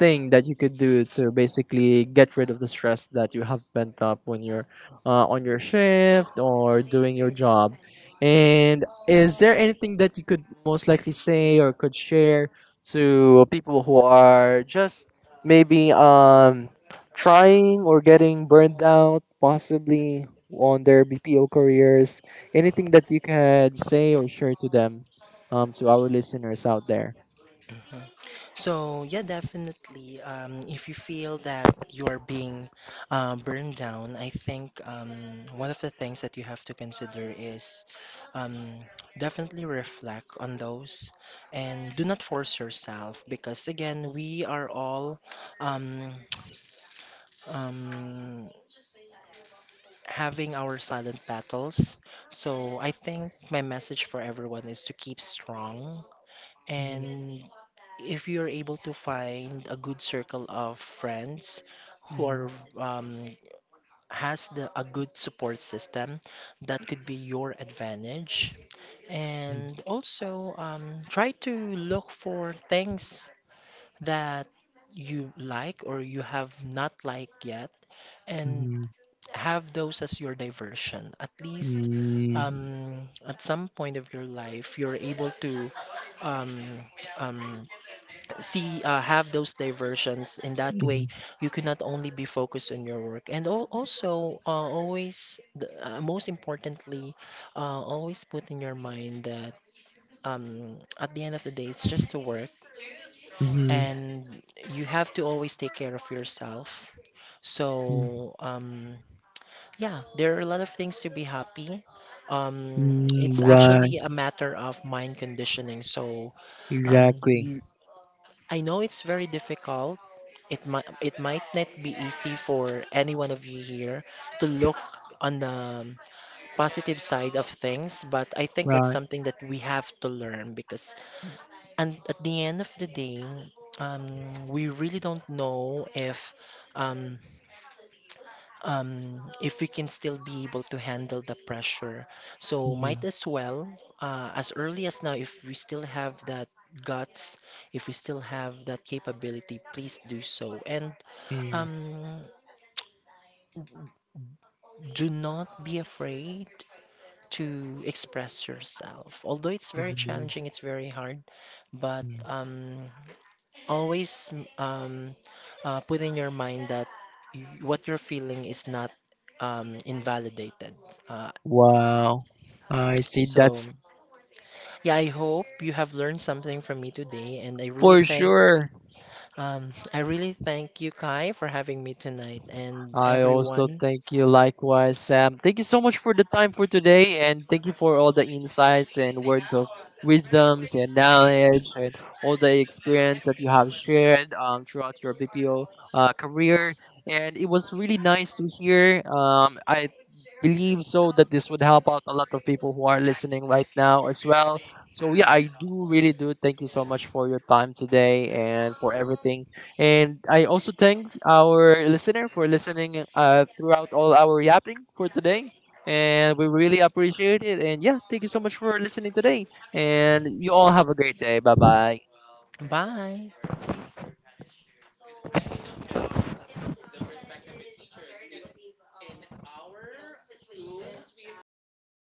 thing that you could do to basically get rid of the stress that you have pent up when you're on your shift or doing your job. And is there anything that you could most likely say or could share to people who are just maybe trying or getting burned out possibly on their BPO careers? Anything that you can say or share to them, to our listeners out there? Mhm. So yeah, definitely. If you feel that you're being burned down, I think one of the things that you have to consider is um, definitely reflect on those and do not force yourself because again, we are all um, [TSK] um, having our silent battles. So I think my message for everyone is to keep strong Mhm, and if you're able to find a good circle of friends who are mhm, um, has the a good support system, that could be your advantage. And also, try to look for things that you like or you have not liked yet, and mhm. have those as your diversion. At least, Mm, at some point of your life, you're able to um, um, see have those diversions in that way mhm, you can not only be focused on your work and also always most importantly always put in your mind that at the end of the day it's just to work mhm, and you have to always take care of yourself mm, so yeah there are a lot of things to be happy um, mm, it's right, actually a matter of mind conditioning so um, exactly, l- I know it's very difficult. It might not be easy for any one of you here to look on the positive side of things, but I think that's right. something that we have to learn because and at the end of the day, um, we really don't know um, if we can still be able to handle the pressure. So might Mhm, as well as early as now, if we still have that guts, if we still have that capability, please do so. And mm, um, do not be afraid to express yourself. Although it's very mhm, challenging, it's very hard, but mm. Always um, put in your mind that y what you're feeling is not invalidated. Uh, Wow, I see, so that's yeah, I hope you have learned something from me today, and for sure. I really thank you, Kai, for having me tonight, and I also everyone. thank you, likewise, Sam. Thank you so much for the time for today, and thank you for all the insights and words of wisdoms and knowledge and all the experience that you have shared throughout your BPO career. And it was really nice to hear. I believe so that this would help out a lot of people who are listening right now as well. So yeah, I do really do thank you so much for your time today and for everything. And I also thank our listener for listening throughout all our yapping for today. And we really appreciate it. And yeah, thank you so much for listening today. And you all have a great day. Bye bye. Bye.